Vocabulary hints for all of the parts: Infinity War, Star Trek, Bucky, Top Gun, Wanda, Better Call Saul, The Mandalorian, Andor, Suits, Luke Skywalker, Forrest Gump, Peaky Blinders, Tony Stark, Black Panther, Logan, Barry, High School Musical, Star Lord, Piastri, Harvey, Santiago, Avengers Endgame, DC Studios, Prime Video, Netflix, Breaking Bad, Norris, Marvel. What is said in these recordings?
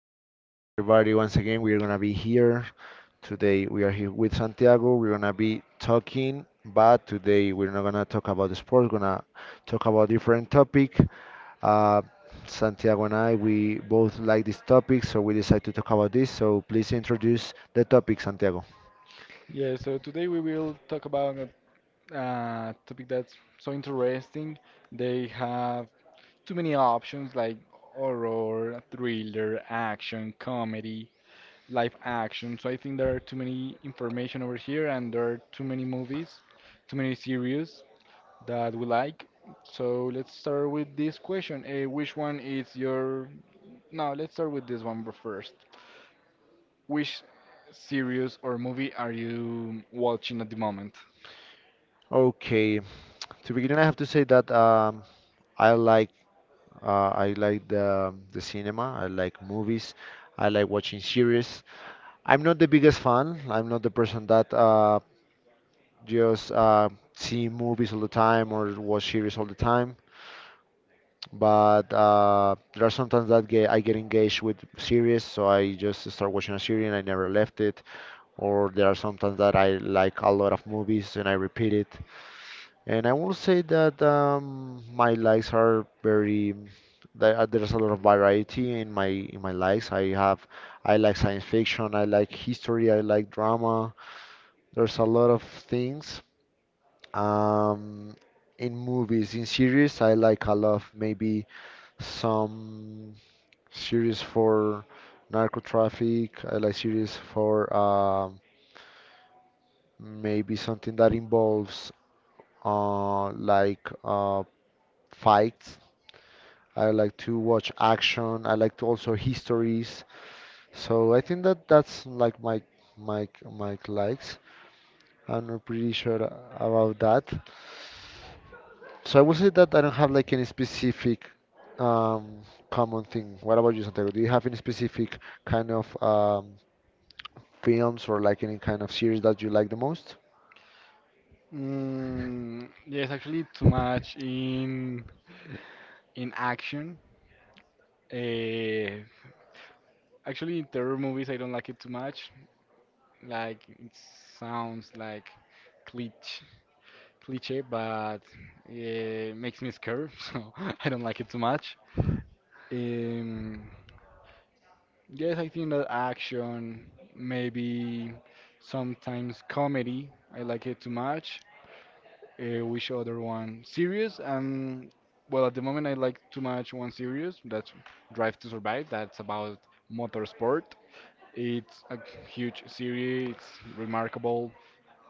everyone, hi everybody. Once again, we're gonna be here today. We are here with Santiago. We're gonna be talking, but today we're not gonna talk about the sport. We're gonna talk about different topic. Uh, Santiago and I, we both like this topic, so we decided to talk about this. So please introduce the topic, Santiago. Yeah, so today we will talk about a topic that's so interesting. They have too many options like horror, thriller, action, comedy live action. So I think there are too many information over here, and there are too many movies, too many series that we like. So let's start with this question. Which one is your? No, let's start with this one first. Which series or movie are you watching at the moment? Okay, to begin, I have to say that I like I like the cinema. I like movies. I like watching series. I'm not the biggest fan. I'm not the person that just see movies all the time or watch series all the time. But there are sometimes that I get engaged with series, so I just start watching a series and I never left it. Or there are sometimes that I like a lot of movies and I repeat it. And I will say that my likes are there's a lot of variety in my likes. I like science fiction, I like history, I like drama. There's a lot of things. Um, in movies, in series, I like a lot of maybe some series for narco traffic. I like series for maybe something that involves like fights. I like to watch action. I like to also histories. So I think that that's like my likes. I'm not pretty sure about that. So I would say that I don't have like any specific um, common thing. What about you, Santiago? Do you have any specific kind of films or like any kind of series that you like the most? Mm, yes, actually, too much in action. Uh, Actually, in terror movies, I don't like it too much. Like it sounds like cliche, cliche, but it makes me scared, so I don't like it too much. Um, yes, I think that action, maybe sometimes comedy, I like it too much. Which other one? Serious? Well, at the moment I like too much one series. That's Drive to Survive. That's about motorsport. It's a huge series. It's remarkable.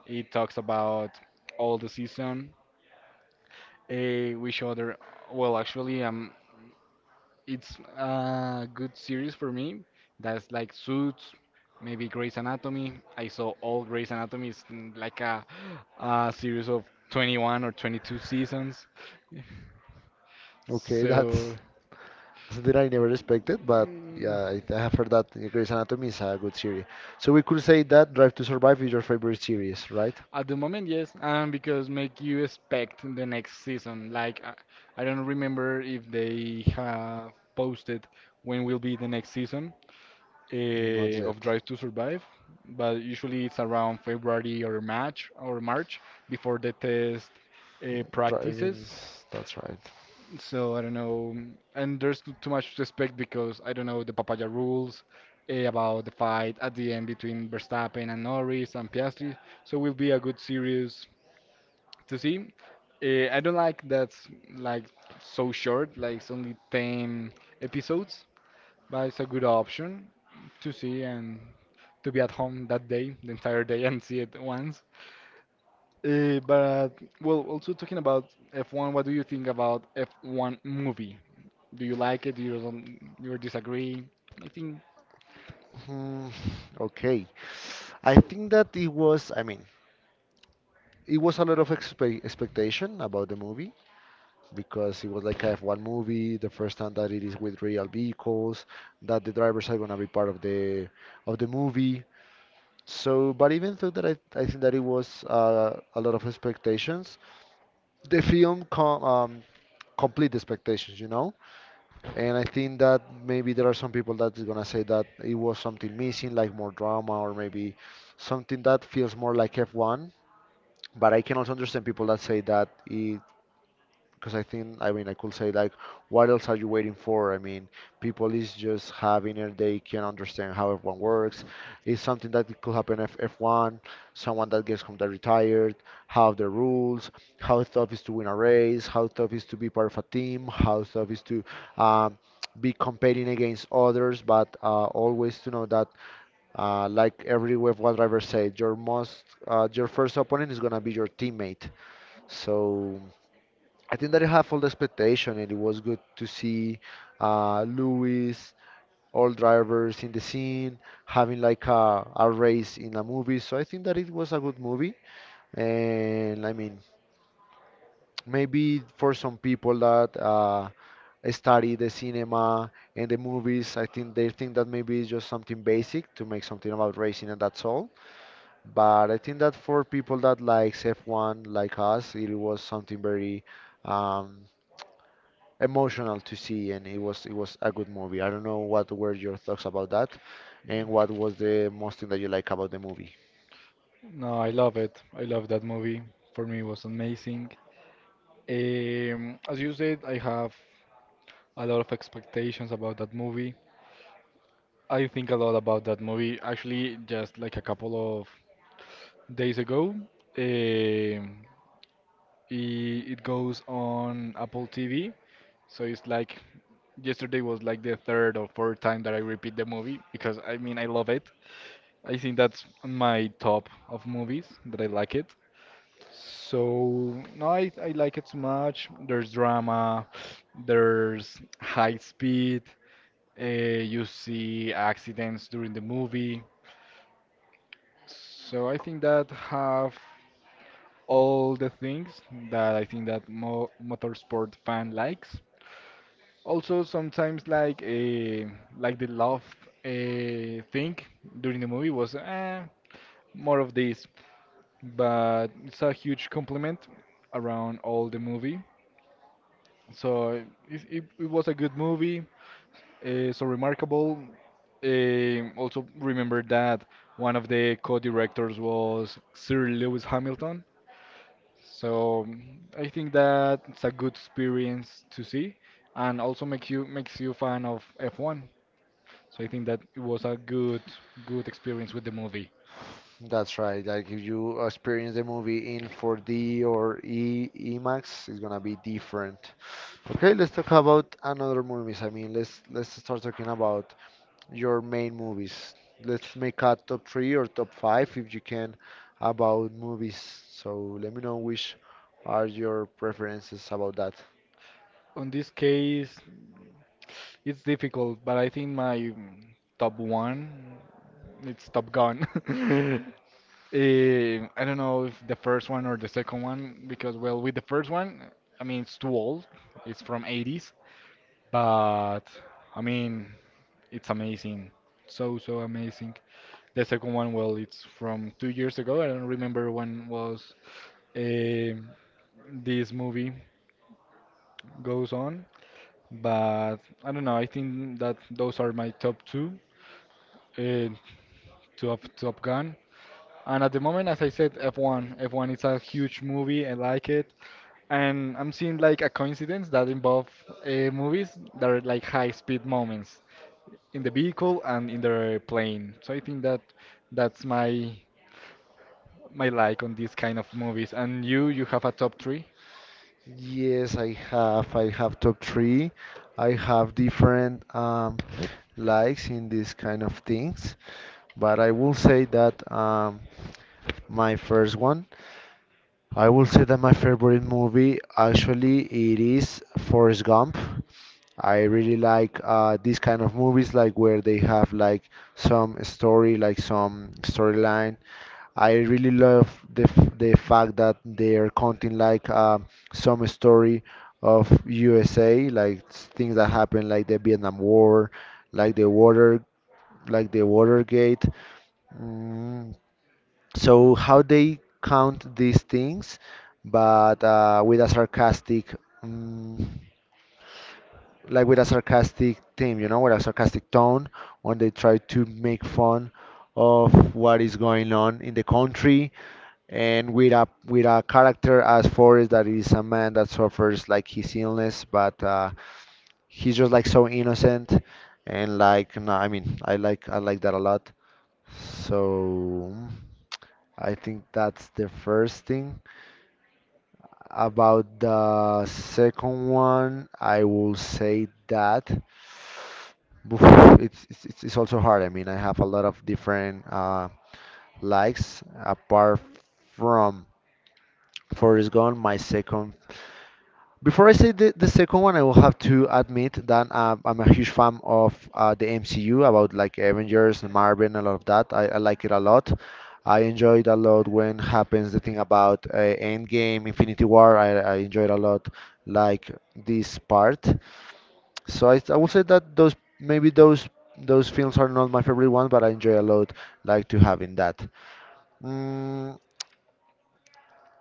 It talks about all the season, which other. Well, actually, it's a good series for me. That's like Suits, maybe Grey's Anatomy. I saw all Grey's Anatomy. It's like a series of 21 or 22 seasons. Okay, So. that's So that I never expected, but mm, yeah, I have heard that Grey's Anatomy is a good series. So we could say that Drive to Survive is your favorite series, right? At the moment, yes, and because make you expect the next season. Like I don't remember if they have posted when will be the next season Not of yet. Drive to Survive, but usually it's around February or March before the test practices. Driving, that's right. So I don't know, and there's too much to expect because I don't know the Papaya rules about the fight at the end between Verstappen and Norris and Piastri. So will be a good series to see. I don't like that's like so short, like it's only 10 episodes, but it's a good option to see and to be at home that day, the entire day, and see it once. But well, also talking about F1, what do you think about F1 movie? Do you like it? Do you don't, you disagree? I think Hmm, okay. I think that it was, I mean, it was a lot of expectation about the movie because it was like a F1 movie, the first time that it is with real vehicles, that the drivers are gonna be part of the movie. So, but even though that I think that it was a lot of expectations, the film complete the expectations, you know? And I think that maybe there are some people that is gonna say that it was something missing, like more drama or maybe something that feels more like F1. But I can also understand people that say that it because I think, I mean, I could say like, what else are you waiting for? I mean, people is just having it; they can understand how F1 works. It's something that it could happen if F1, someone that gets completely retired, how the rules, how tough is to win a race, how tough is to be part of a team, how tough is to um, be competing against others. But always to know that, like every F1 driver said, your your first opponent is gonna be your teammate. So, I think that you have all the expectation, and it was good to see Lewis, all drivers in the scene, having like a race in a movie. So I think that it was a good movie. And I mean, maybe for some people that study the cinema and the movies, I think they think that maybe it's just something basic to make something about racing and that's all. But I think that for people that likes F1 like us, it was something very. Um, emotional to see, and it was a good movie. I don't know what were your thoughts about that, and what was the most thing that you like about the movie. no, I love it. I love that movie. For me, it was amazing. As you said, I have a lot of expectations about that movie. I think a lot about that movie. Actually, just like a couple of days ago, um, it goes on Apple TV. So it's like yesterday was like the third or fourth time that I repeat the movie because I mean I love it. I think that's on my top of movies that I like it. So no, I like it so much. There's drama, there's high speed. You see accidents during the movie. So I think that have all the things that I think that mo motorsport fan likes. Also sometimes like like the love thing during the movie was more of this, but it's a huge compliment around all the movie. So it was a good movie, so remarkable. Also remember that one of the co-directors was Sir Lewis Hamilton. So I think that it's a good experience to see, and also makes you fan of F1. So I think that it was a good experience with the movie. That's right. Like if you experience the movie in 4D or e IMAX, it's gonna be different. Okay, let's talk about another movies. I mean, let's start talking about your main movies. Let's make a top 3 or top 5 if you can about movies. So let me know which are your preferences about that. On this case, it's difficult, but I think my top one it's Top Gun. I don't know if the first one or the second one because well, with the first one, I mean it's too old. It's from 80s, but I mean. It's amazing. So, so amazing. The second one, well, it's from 2 years ago. I don't remember when was um this movie goes on, but I don't know. I think that those are my top two. Uh, top Top Gun. And at the moment, as I said, F1. F1 is a huge movie. I like it. And I'm seeing like a coincidence that involve movies that are like high speed moments in the vehicle and in the plane. So I think that that's my like on these kind of movies. And you have a top three? Yes, I have. I have top 3. I have different likes in these kind of things, but I will say that my first one. I will say that my favorite movie actually it is Forrest Gump. I really like these kind of movies like where they have like some story, like some storyline. I really love the fact that they are counting like some story of USA, like things that happened, like the Vietnam War, like the water, like the Watergate. Mm, so how they count these things, but with a sarcastic. mm like with a sarcastic theme, you know, with a sarcastic tone, when they try to make fun of what is going on in the country, and with a character as Forrest that is a man that suffers like his illness, but he's just like so innocent and like no, I mean, I like that a lot. So I think that's the first thing. About the second one, I will say that oof, it's also hard. I mean, I have a lot of different likes apart from Forrest Gump. My second before I say the second one, I will have to admit that I'm a huge fan of the MCU about like Avengers and Marvel and all of that. I like it a lot. I enjoyed a lot when happens the thing about Endgame, Infinity War. I enjoyed a lot like this part. So I will say that those maybe those films are not my favorite ones, but I enjoy a lot like to having that. Mm,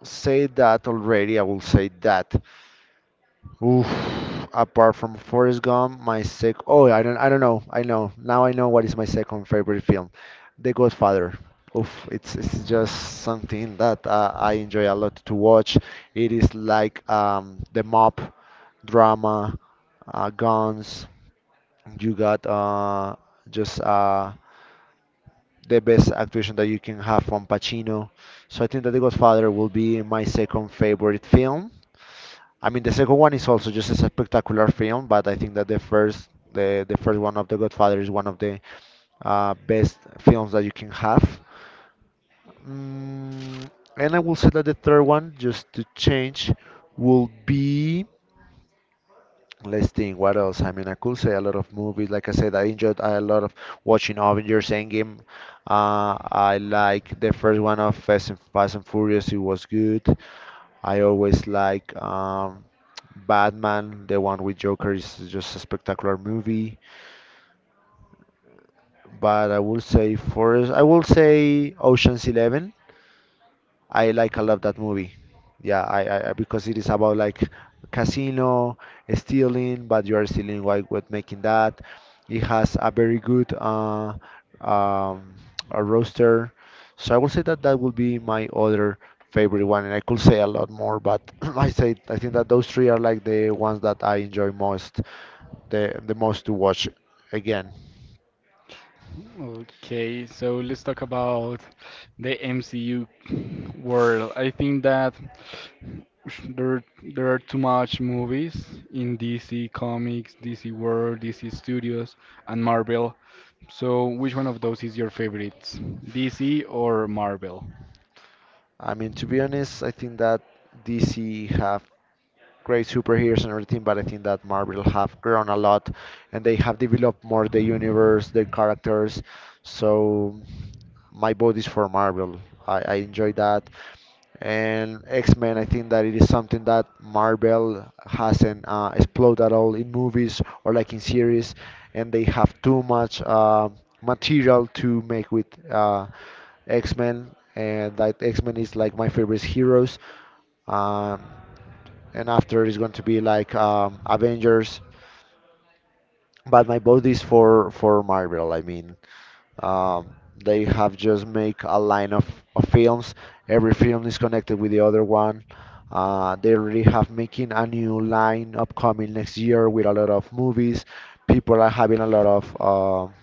say that already. I will say that. Oof. Apart from Forrest Gump, my sec. Oh, I don't know. I know now. I know what is my second favorite film, The Godfather. Oof. It's just something that I enjoy a lot to watch. It is like the mob drama, guns. You got just the best actuation that you can have from Pacino. So I think that The Godfather will be my second favorite film. I mean, the second one is also just a spectacular film, but I think that the first one of The Godfather is one of the best films that you can have. Mm, and I will say that the third one, just to change, will be. Let's think, what else? I mean, I could say a lot of movies. Like I said, I enjoyed a lot of watching Avengers Endgame. I like the first one of Fast and Furious, it was good. I always like Batman. The one with Joker is just a spectacular movie. But I will say Ocean's 11. I like a lot that movie. Yeah, because it is about like casino, stealing, but you are stealing while with making that. It has a very good um a roster. So I will say that that will be my other favorite one, and I could say a lot more, but I think that those three are like the ones that I enjoy most, the most to watch again. Okay, so let's talk about the MCU world. I think that there there are too much movies in DC Comics, DC World, DC Studios, and Marvel. So which one of those is your favorite? DC or Marvel? I mean, to be honest, I think that DC have great superheroes and everything, but I think that Marvel have grown a lot and they have developed more the universe, their characters. So my vote is for Marvel. I enjoy that. And X-Men, I think that it is something that Marvel hasn't explored at all in movies or like in series, and they have too much material to make with X-Men, and that X-Men is like my favorite heroes. Um, and after is going to be like Avengers. But my vote is for Marvel. I mean, um, they have just make a line of films. Every film is connected with the other one. They already have making a new line upcoming next year with a lot of movies. People are having a lot of.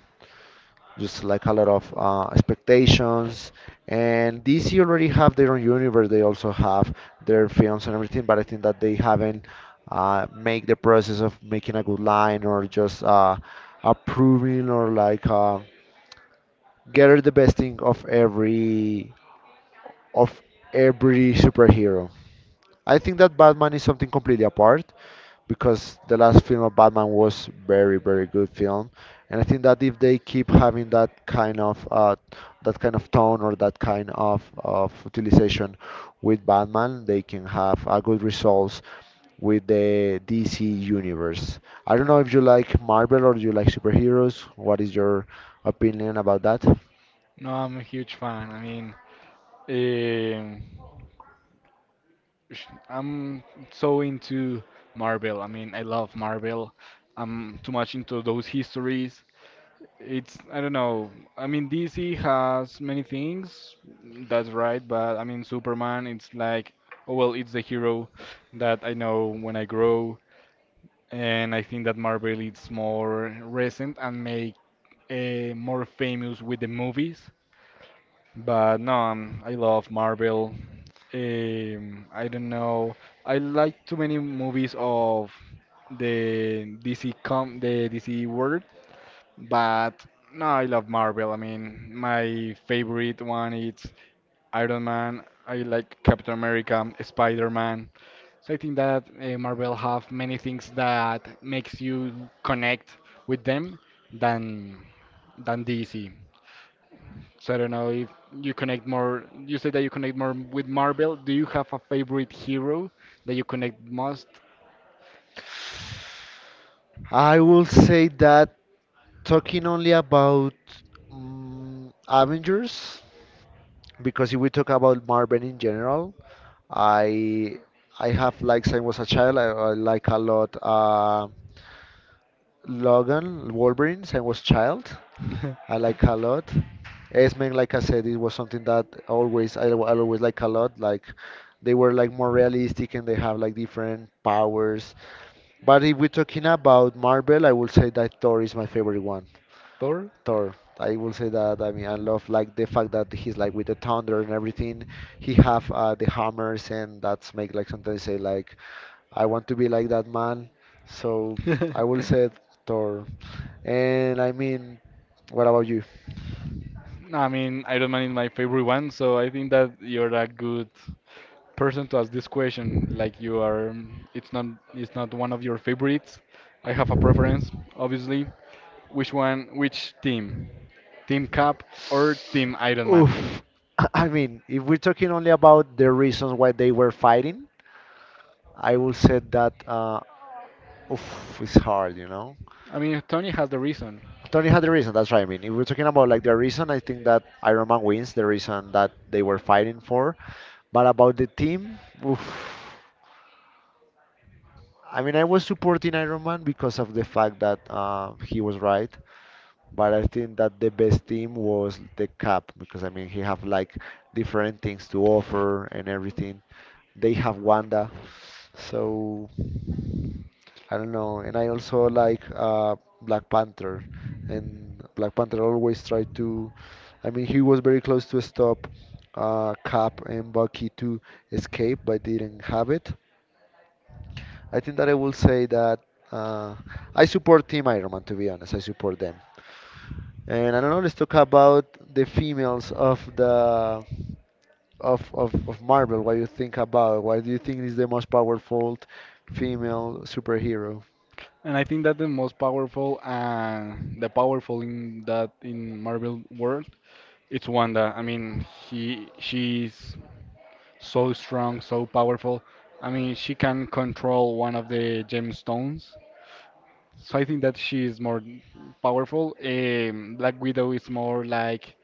Just like a lot of expectations. And DC already have their own universe. They also have their films and everything, but I think that they haven't make the process of making a good line or just approving or like gather the best thing of of every superhero. I think that Batman is something completely apart because the last film of Batman was very very good film, and I think that if they keep having that kind of tone or that kind of utilization with Batman, they can have a good results with the DC universe. I don't know if you like Marvel or you like superheroes. What is your opinion about that? No, I'm a huge fan. I mean, um I'm so into Marvel. I mean, I love Marvel. I'm too much into those histories. It's, I don't know. I mean, DC has many things, that's right, but I mean, Superman, it's like, oh, well, it's the hero that I know when I grow. And I think that Marvel is more recent and made more famous with the movies. But no, I love Marvel. I don't know. I like too many movies of the DC world, but no, I love Marvel. I mean, my favorite one is Iron Man. I like Captain America, Spider-Man. So I think that Marvel have many things that makes you connect with them than than DC. So I don't know if you connect more. You say that you connect more with Marvel. Do you have a favorite hero that you connect most? I will say that talking only about Avengers, because if we talk about Marvel in general, I I have like since I was a child, I like a lot Logan, Wolverine, since I was child. I like a lot. X-Men, like I said, it was something that always I always like a lot. Like they were like more realistic and they have like different powers. But if we're talking about Marvel, I will say that Thor is my favorite one. Thor? Thor. I will say that. I mean, I love like the fact that he's like with the thunder and everything. He have the hammers, and that's make like sometimes say like I want to be like that man. So I will say Thor. And I mean, what about you? No, I mean, Iron Man is my favorite one, so I think that you're a good person to ask this question. Like you are, it's not one of your favorites. I have a preference, obviously. Which one? Which team? Team Cap or Team Iron Man? Oof. I mean, if we're talking only about the reasons why they were fighting, I will say that oof, it's hard, I mean, Tony has the reason. Tony had the reason. That's right. I mean, if we're talking about like the reason, I think that Iron Man wins the reason that they were fighting for. But about the team, oof. I mean, I was supporting Iron Man because of the fact that he was right, but I think that the best team was the Cap because I mean he have like different things to offer and everything. They have Wanda, so I don't know. And I also like Black Panther, and Black Panther always tried to. I mean, he was very close to stop Cap and Bucky to escape, but didn't have it. I think that I will say that uh, I support Team Ironman, to be honest. I support them. And I don't know, let's talk about the females of the of Marvel. What you think about? What do you think is the most powerful female superhero? And I think that the most powerful and the powerful in that in Marvel world, it's Wanda. I mean, he she's so strong, so powerful. I mean, she can control one of the gemstones. So I think that she is more powerful. Black Widow is more like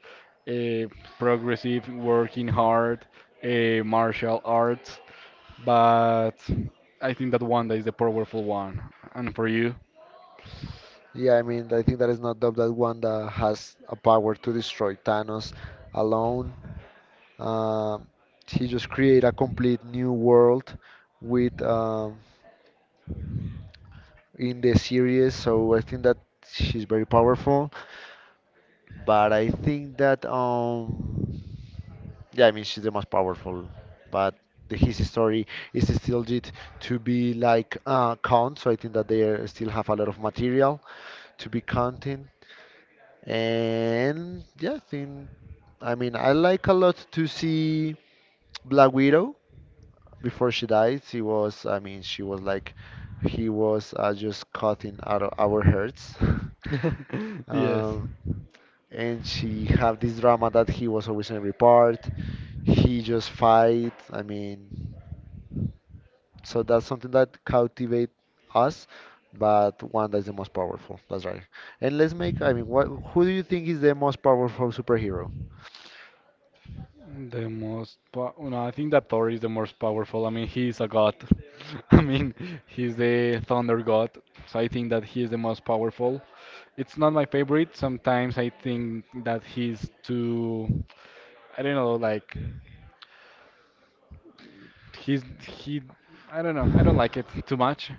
a progressive, working hard, a martial arts. But I think that Wanda is the powerful one. And for you? Yeah, I mean, I think that is not doubt that Wanda has a power to destroy Thanos alone. Um, he just create a complete new world with in the series. So I think that she's very powerful. But I think that yeah, I mean she's the most powerful, but the his story is still yet to be like count, so I think that they are- still have a lot of material to be counting. And yeah, I think I mean I like a lot to see Black Widow before she died. She was I mean she was like he was just cutting out of our hearts. Yes, Um, and she have this drama that he was always in every part he just fights. I mean, so that's something that cultivate us, but Wanda is the most powerful. That's right. And let's make. I mean, what? Who do you think is the most powerful superhero? No, I think that Thor is the most powerful. I mean, he's a god. I mean, he's the thunder god. So I think that he is the most powerful. It's not my favorite. Sometimes I think that he's too. I don't know. Like he's he. I don't know. I don't like it too much.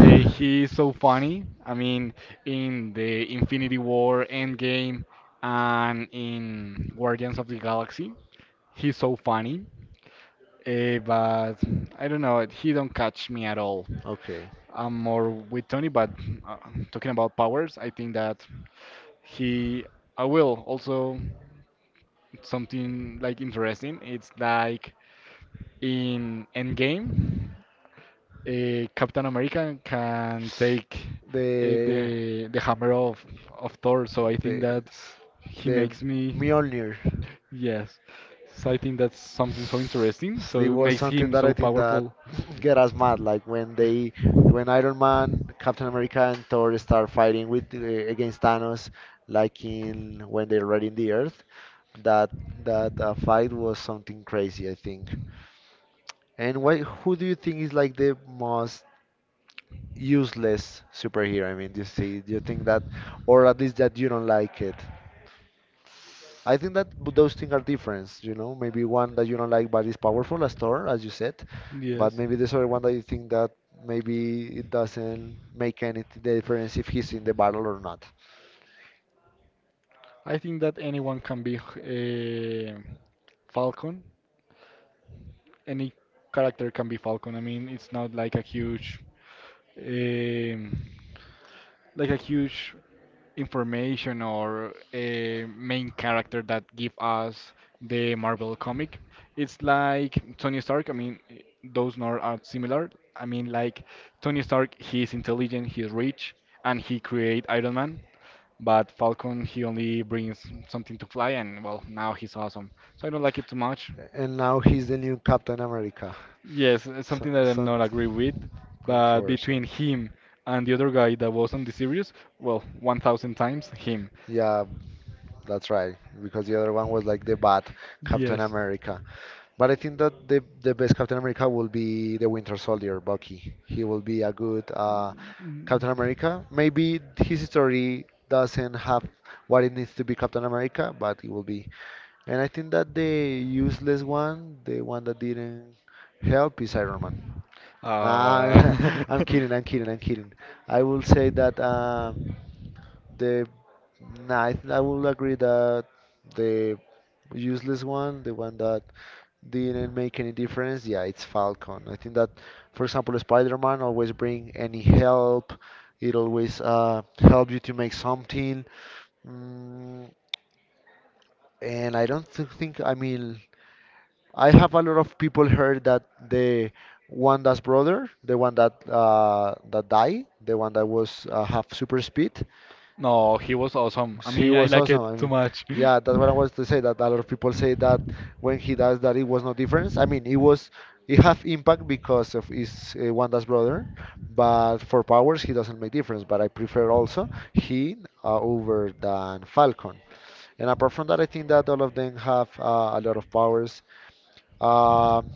He's so funny. I mean, in the Infinity War, Endgame, and in Guardians of the Galaxy. He's so funny, but I don't know. He don't catch me at all. okay, I'm more with Tony, but uh, talking about powers, I think that he. I will also something like interesting. It's like in Endgame Captain America can take uh, the the the hammer of Thor. So I the think that s- he the makes me. Mjolnir. Yes. So I think that's something so interesting. It So it was makes something him that I so think that powerful. get us mad, like when they, when Iron Man, Captain America, and Thor start fighting with the- against Thanos, like in when they're raiding the Earth. That that fight was something crazy, I think. And why? Who do you think is like the most useless superhero? I mean, do you see, do you think that, or at least that you don't like it? I think that those things are different, you know. Maybe one that you don't like but is powerful, a store, as you said, but Yes. maybe this other one that you think that maybe it doesn't make any difference if he's in the battle or not. I think that anyone can be Falcon. Any character can be Falcon. I mean, it's not like a huge, um, like a huge information or a main character that give us the Marvel comic. It's like Tony Stark. I mean, those nor are similar. I mean, like Tony Stark, he is intelligent, he's rich, and he create Iron Man. But Falcon, he only brings something to fly, and well, now he's awesome. So I don't like it too much. And now he's the new Captain America. Yes, it's So, something that I'm not agree with, something but controversial. between him and the other guy that was on the series, well, 1,000 times him. Yeah, that's right. Because the other one was like the bad Captain Yes. America. But I think that the best Captain America will be the Winter Soldier, Bucky. He will be a good Mm. Captain America. Maybe his story doesn't have what it needs to be Captain America, but it will be. And I think that the useless one, the one that didn't help, is Iron Man. Uh, Nah, I'm kidding, I'm kidding, I'm kidding. I will say that. The nah, I think I will agree that the useless one, the one that didn't make any difference, yeah, it's Falcon. I think that, for example, Spider-Man always bring any help. It always help you to make something. Mm, and I don't think, I mean, I have a lot of people heard that the Wanda's brother, the one that that died, the one that was have super speed, no, he was awesome. I He mean, I was like awesome. I it too mean, much. yeah, that's what I was to say. That a lot of people say that when he does that, it was no difference. I mean, it was it have impact because of his Wanda's brother, but for powers he doesn't make difference. But I prefer also he over than Falcon. And apart from that, I think that all of them have a lot of powers. Um,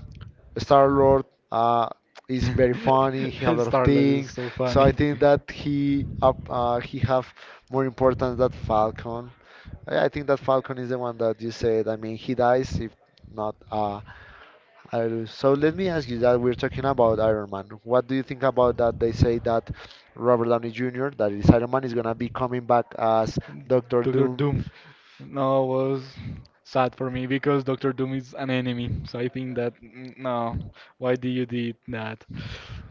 Star Lord uh, is very funny. He have a lot of Star Lord is things, so so I funny. think that he up he have more importance than Falcon. I think that Falcon is the one that you said. I mean, he dies if not I lose. So let me ask you that we're talking about Iron Man. What do you think about that? They say that Robert Downey Jr. that is Iron Man is gonna be coming back as Doctor Doctor Doom. Doom. No, was sad for me because Doctor Doom is an enemy. So I think that no, why did you did that?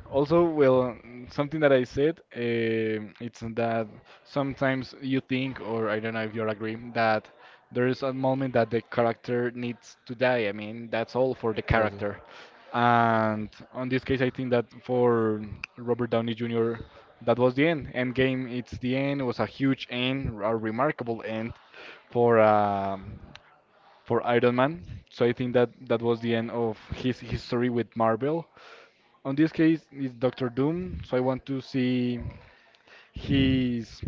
Also, well, something that I said, um it's that sometimes you think, or I don't know if you agree, that there is a moment that the character needs to die. I mean, that's all for the character. And on this case, I think that for Robert Downey Jr., that was the end. Endgame, it's the end. It was a huge end, a remarkable end for um, for Iron Man. So I think that that was the end of his history with Marvel. On this case, it's Doctor Doom. So I want to see his.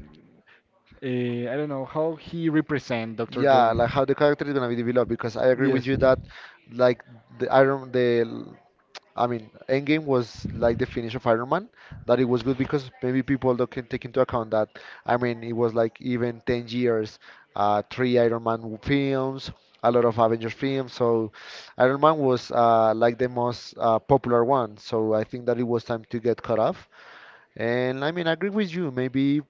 I don't know how he represent Doctor Yeah, like Doom. how the character is gonna be developed because I agree with Yes. you that like the Iron the I mean Endgame was like the finish of Iron Man that it was good because maybe people don't can take into account that I mean it was like even 10 years, three Iron Man films, a lot of Avengers films, so Iron Man was like the most popular one, so I think that it was time to get cut off. And I mean, I agree with you maybe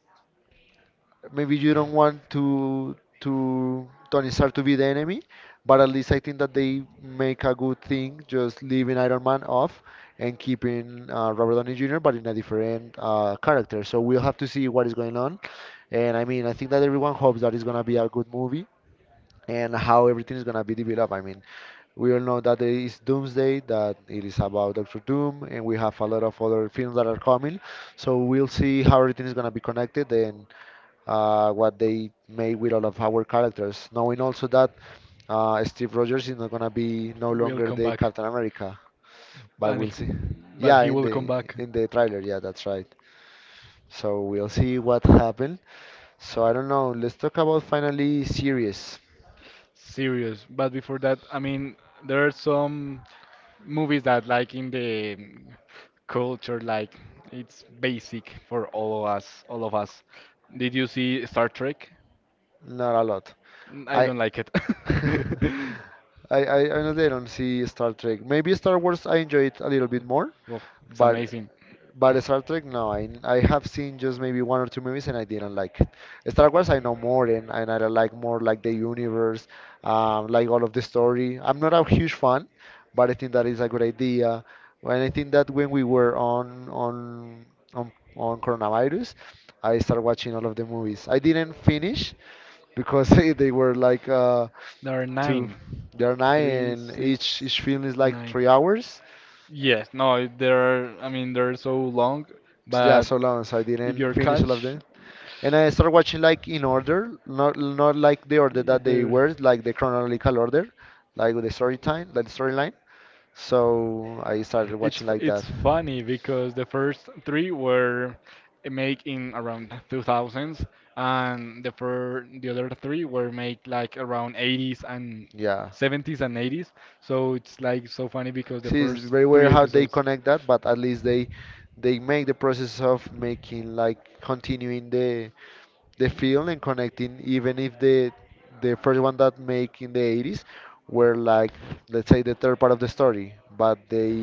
maybe you don't want to Tony Stark to be the enemy, but at least I think that they make a good thing just leaving Iron Man off and keeping Robert Downey Jr. but in a different character. So we'll have to see what is going on. And I mean, I think that everyone hopes that it's gonna be a good movie and how everything is gonna be developed. I mean, we all know that there is Doomsday, that it is about Doctor Doom, and we have a lot of other films that are coming. So we'll see how everything is gonna be connected and what they made with all of our characters. Knowing also that Steve Rogers is not gonna be no We'll longer come the back. Captain America, but and he, we'll see. but Yeah, he will come back. in the trailer, yeah, that's right. So we'll see what happened. So I don't know. Let's talk about finally series. Serious. But before that, I mean, there are some movies that like in the culture, like it's basic for all of us, all of us. Did you see Star Trek? Not a lot. I I don't like it. I honestly don't see Star Trek. Maybe Star Wars I enjoy it a little bit more, Oof, it's but amazing. but Star Trek, no, I have seen just maybe one or two movies and I didn't like it. Star Wars, I know more and I like more like the universe, like all of the story. I'm not a huge fan, but I think that is a good idea. And I think that when we were on coronavirus, I started watching all of the movies. I didn't finish because they were like There are two, 9, they're nine, 3, and each 6, each film is like 9. three hours. Yes, no, they're so long, Yeah, but so long, so I if didn't you're finish all of catch, them, and I started watching like in order, not like the order yeah, that they they're. were like the chronological order, like with the story time, like the storyline. So I started It's watching f- like that, it's funny because the first three were made in around 2000s, and the other three were made like around 80s and yeah. 70s and 80s. So it's like so funny because the See, it's first very three weird how they episodes. connect that, but at least they make the process of making like continuing the film and connecting, even if the the first one that make in the 80s were like, let's say, the third part of the story, but they,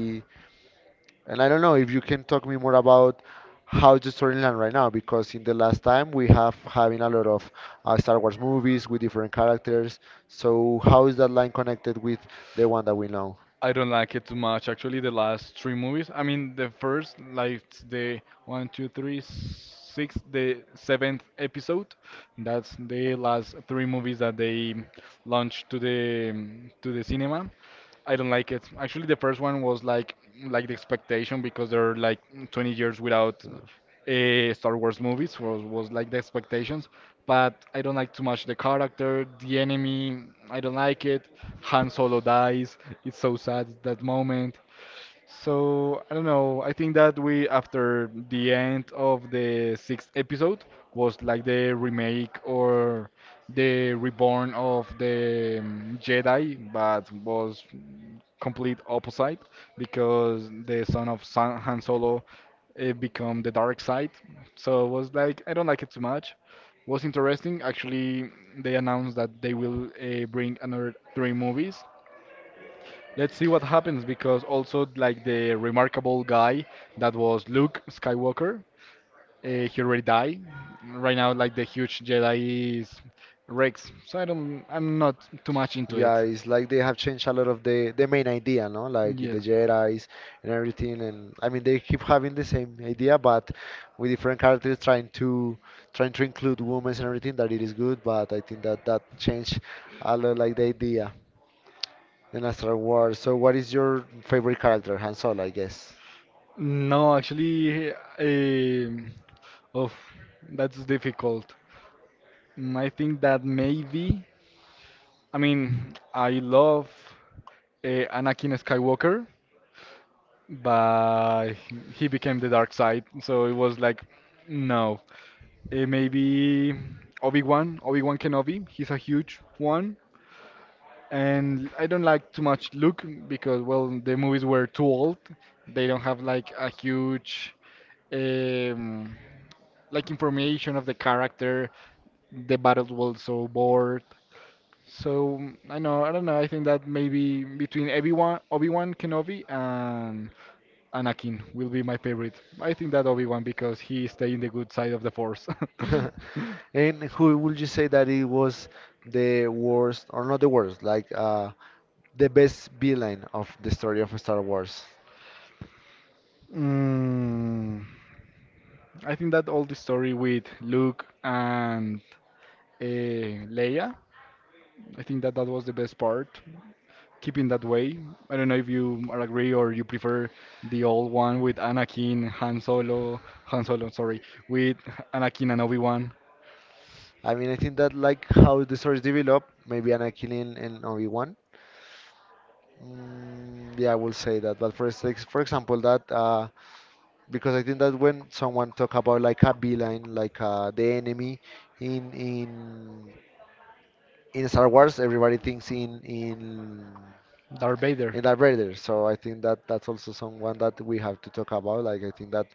and I don't know if you can talk me more about how's the storyline right now, because in the last time we have having a lot of Star Wars movies with different characters. So how is that line connected with the one that we know? I don't like it too much. Actually, the last three movies. I mean, the first, like the one, two, three, six, the seventh episode. That's the last three movies that they launched to the cinema. I don't like it. Actually, the first one was like the expectation because they're like 20 years without Star Wars movies was like the expectations. But I don't like too much the character, the enemy. I don't like it. Han Solo dies. It's so sad that moment. So I don't know. I think that we, after the end of the sixth episode, was like the remake or the reborn of the Jedi, but was complete opposite because the son of San Han Solo become the dark side. So it was like I don't like it too much. Was interesting. Actually, they announced that they will bring another three movies. Let's see what happens because also like the remarkable guy that was Luke Skywalker, he already died. Right now, like the huge Jedi is Rex, so I'm not too much into Yeah, it. it's like they have changed a lot of the main idea, no? Like the Yes. Jedi's and everything, and I mean they keep having the same idea, but with different characters trying to trying to include women and everything. That it is good, but I think that that changed a lot, like the idea in a Star Wars. So, what is your favorite character, Han Solo, I guess? No, actually, um oh, that's difficult. I think that maybe, I mean, I love Anakin Skywalker, but he became the dark side. So it was like, no. Maybe Obi-Wan Kenobi. He's a huge one. And I don't like too much Luke because, well, the movies were too old. They don't have like a huge um, like information of the character. The battles were so bored. So I don't know. I think that maybe between Obi-Wan Kenobi and Anakin will be my favorite. I think that Obi-Wan because he stay in the good side of the Force. And who would you say that it was the worst, or not the worst, the best villain of the story of Star Wars? Mm, I think that all the story with Luke and Leia, I think that that was the best part. Keeping that way. I don't know if you are agree or you prefer the old one with Anakin, Han Solo, sorry, with Anakin and Obi-Wan, I mean, I think that like how the stories develop, maybe Anakin and Obi-Wan. Mm, yeah, I will say that. But for six, for example, that because I think that when someone talk about like a villain, the enemy in in Star Wars, everybody thinks in Darth Vader. in Darth Vader. So I think that that's also someone that we have to talk about. Like I think that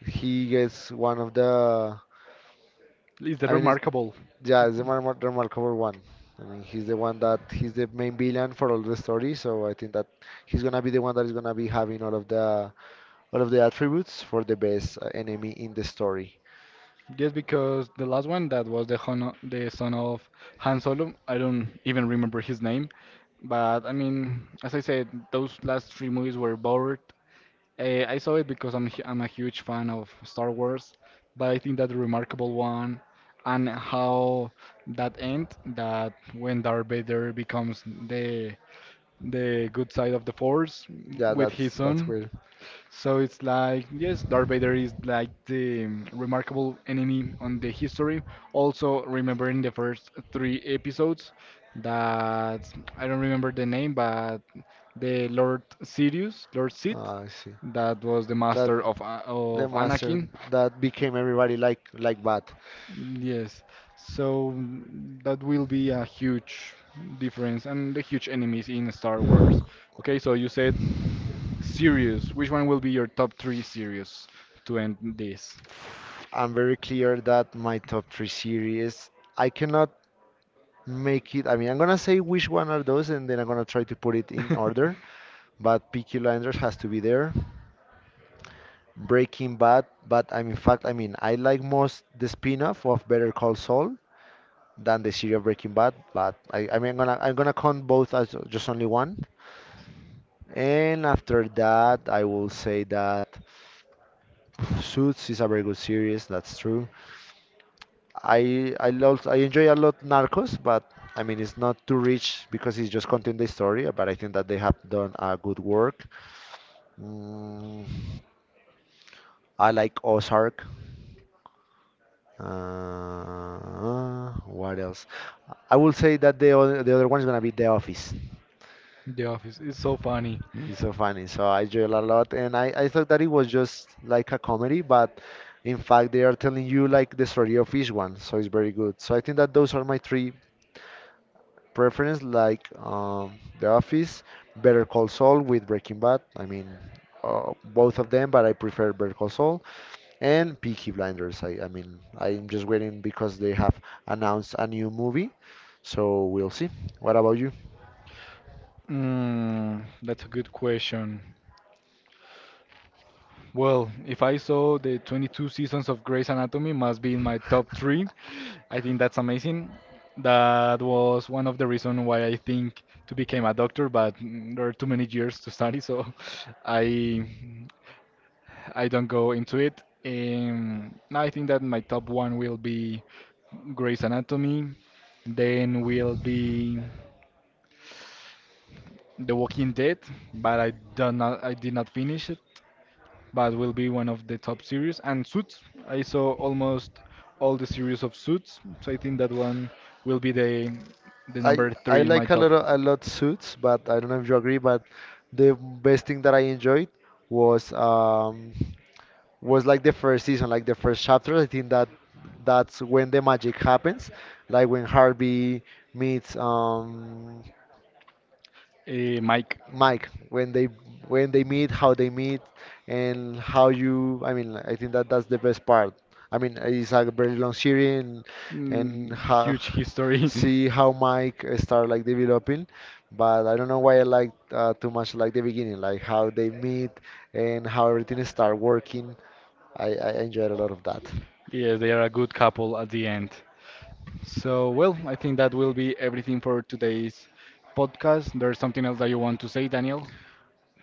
he gets one of the. It is that I mean, it's. remarkable? Yeah, it's the the remarkable one. I mean, he's the one that he's the main villain for all the story, so I think that he's gonna be the one that is gonna be having all of the attributes for the best enemy in the story. Just because the last one that was the Hono, the son of Han Solo, I don't even remember his name. But I mean, as I said, those last three movies were bored. I saw it because I'm a huge fan of Star Wars, but I think that the remarkable one and how that end that when Darth Vader becomes the good side of the Force Yeah, with that's his that's son, weird. so it's like, yes, Darth Vader is like the remarkable enemy on the history. Also, remember in the first three episodes that I don't remember the name, but the Lord Sith, Ah, I see. that was the That master of the master Anakin. that became everybody like bad. Yes, so that will be a huge difference and the huge enemies in Star Wars. Okay, so you said series, which one will be your top three series to end this? I'm very clear that my top three series, I cannot make it. I mean, I'm gonna say which one are those, and then I'm gonna try to put it in order. But Peaky Blinders has to be there. Breaking Bad, but I'm in fact, I mean, I like most the spin-off of Better Call Saul than the series of Breaking Bad, but I mean, I'm gonna count both as just only one. And after that, I will say that Suits is a very good series. That's true. I enjoy a lot Narcos, but I mean it's not too rich because it's just content the story. But I think that they have done a good work. Mm, I like Ozark. What else? I will say that the other one is gonna be The Office. The Office is so funny. It's so funny, so I enjoy it a lot, and I thought that it was just like a comedy, but in fact they are telling you like the story of each one, so it's very good. So I think that those are my three preference, The Office, Better Call Saul with Breaking Bad. I mean, both of them, but I prefer Better Call Saul and Peaky Blinders. I mean, I'm just waiting because they have announced a new movie, so we'll see. What about you? That's a good question. Well, if I saw the 22 seasons of Grey's Anatomy, must be in my top three. I think that's amazing. That was one of the reasons why I think to become a doctor, but there are too many years to study, so I I don't go into it. I think that my top one will be Grey's Anatomy, then will be The Walking Dead, but I did not finish it, but will be one of the top series. And Suits, I saw almost all the series of Suits, so I think that one will be the I number I three in my like top. A lot suits, but I don't know if you agree. But the best thing that I enjoyed was um was like the first season, like the first chapter. I think that that's when the magic happens, like when Harvey meets Mike, Mike when they meet, how they meet, and how you. I mean, I think that that's the best part. I mean, it's a very long series, and how, huge history. see how Mike start like developing. But I don't know why I like too much like the beginning, like how they meet and how everything start working. I enjoyed a lot of that. Yes, they are a good couple at the end. So, well, I think that will be everything for today's podcast. There's something else that you want to say, Daniel?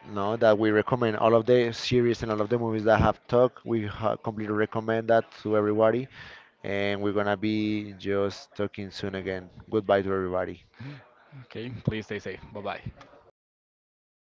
No, that we recommend all of the series and all of the movies that I have talked. We ha completely recommend that to everybody. And we're gonna be just talking soon again. Goodbye to everybody. Okay, please stay safe. Bye bye.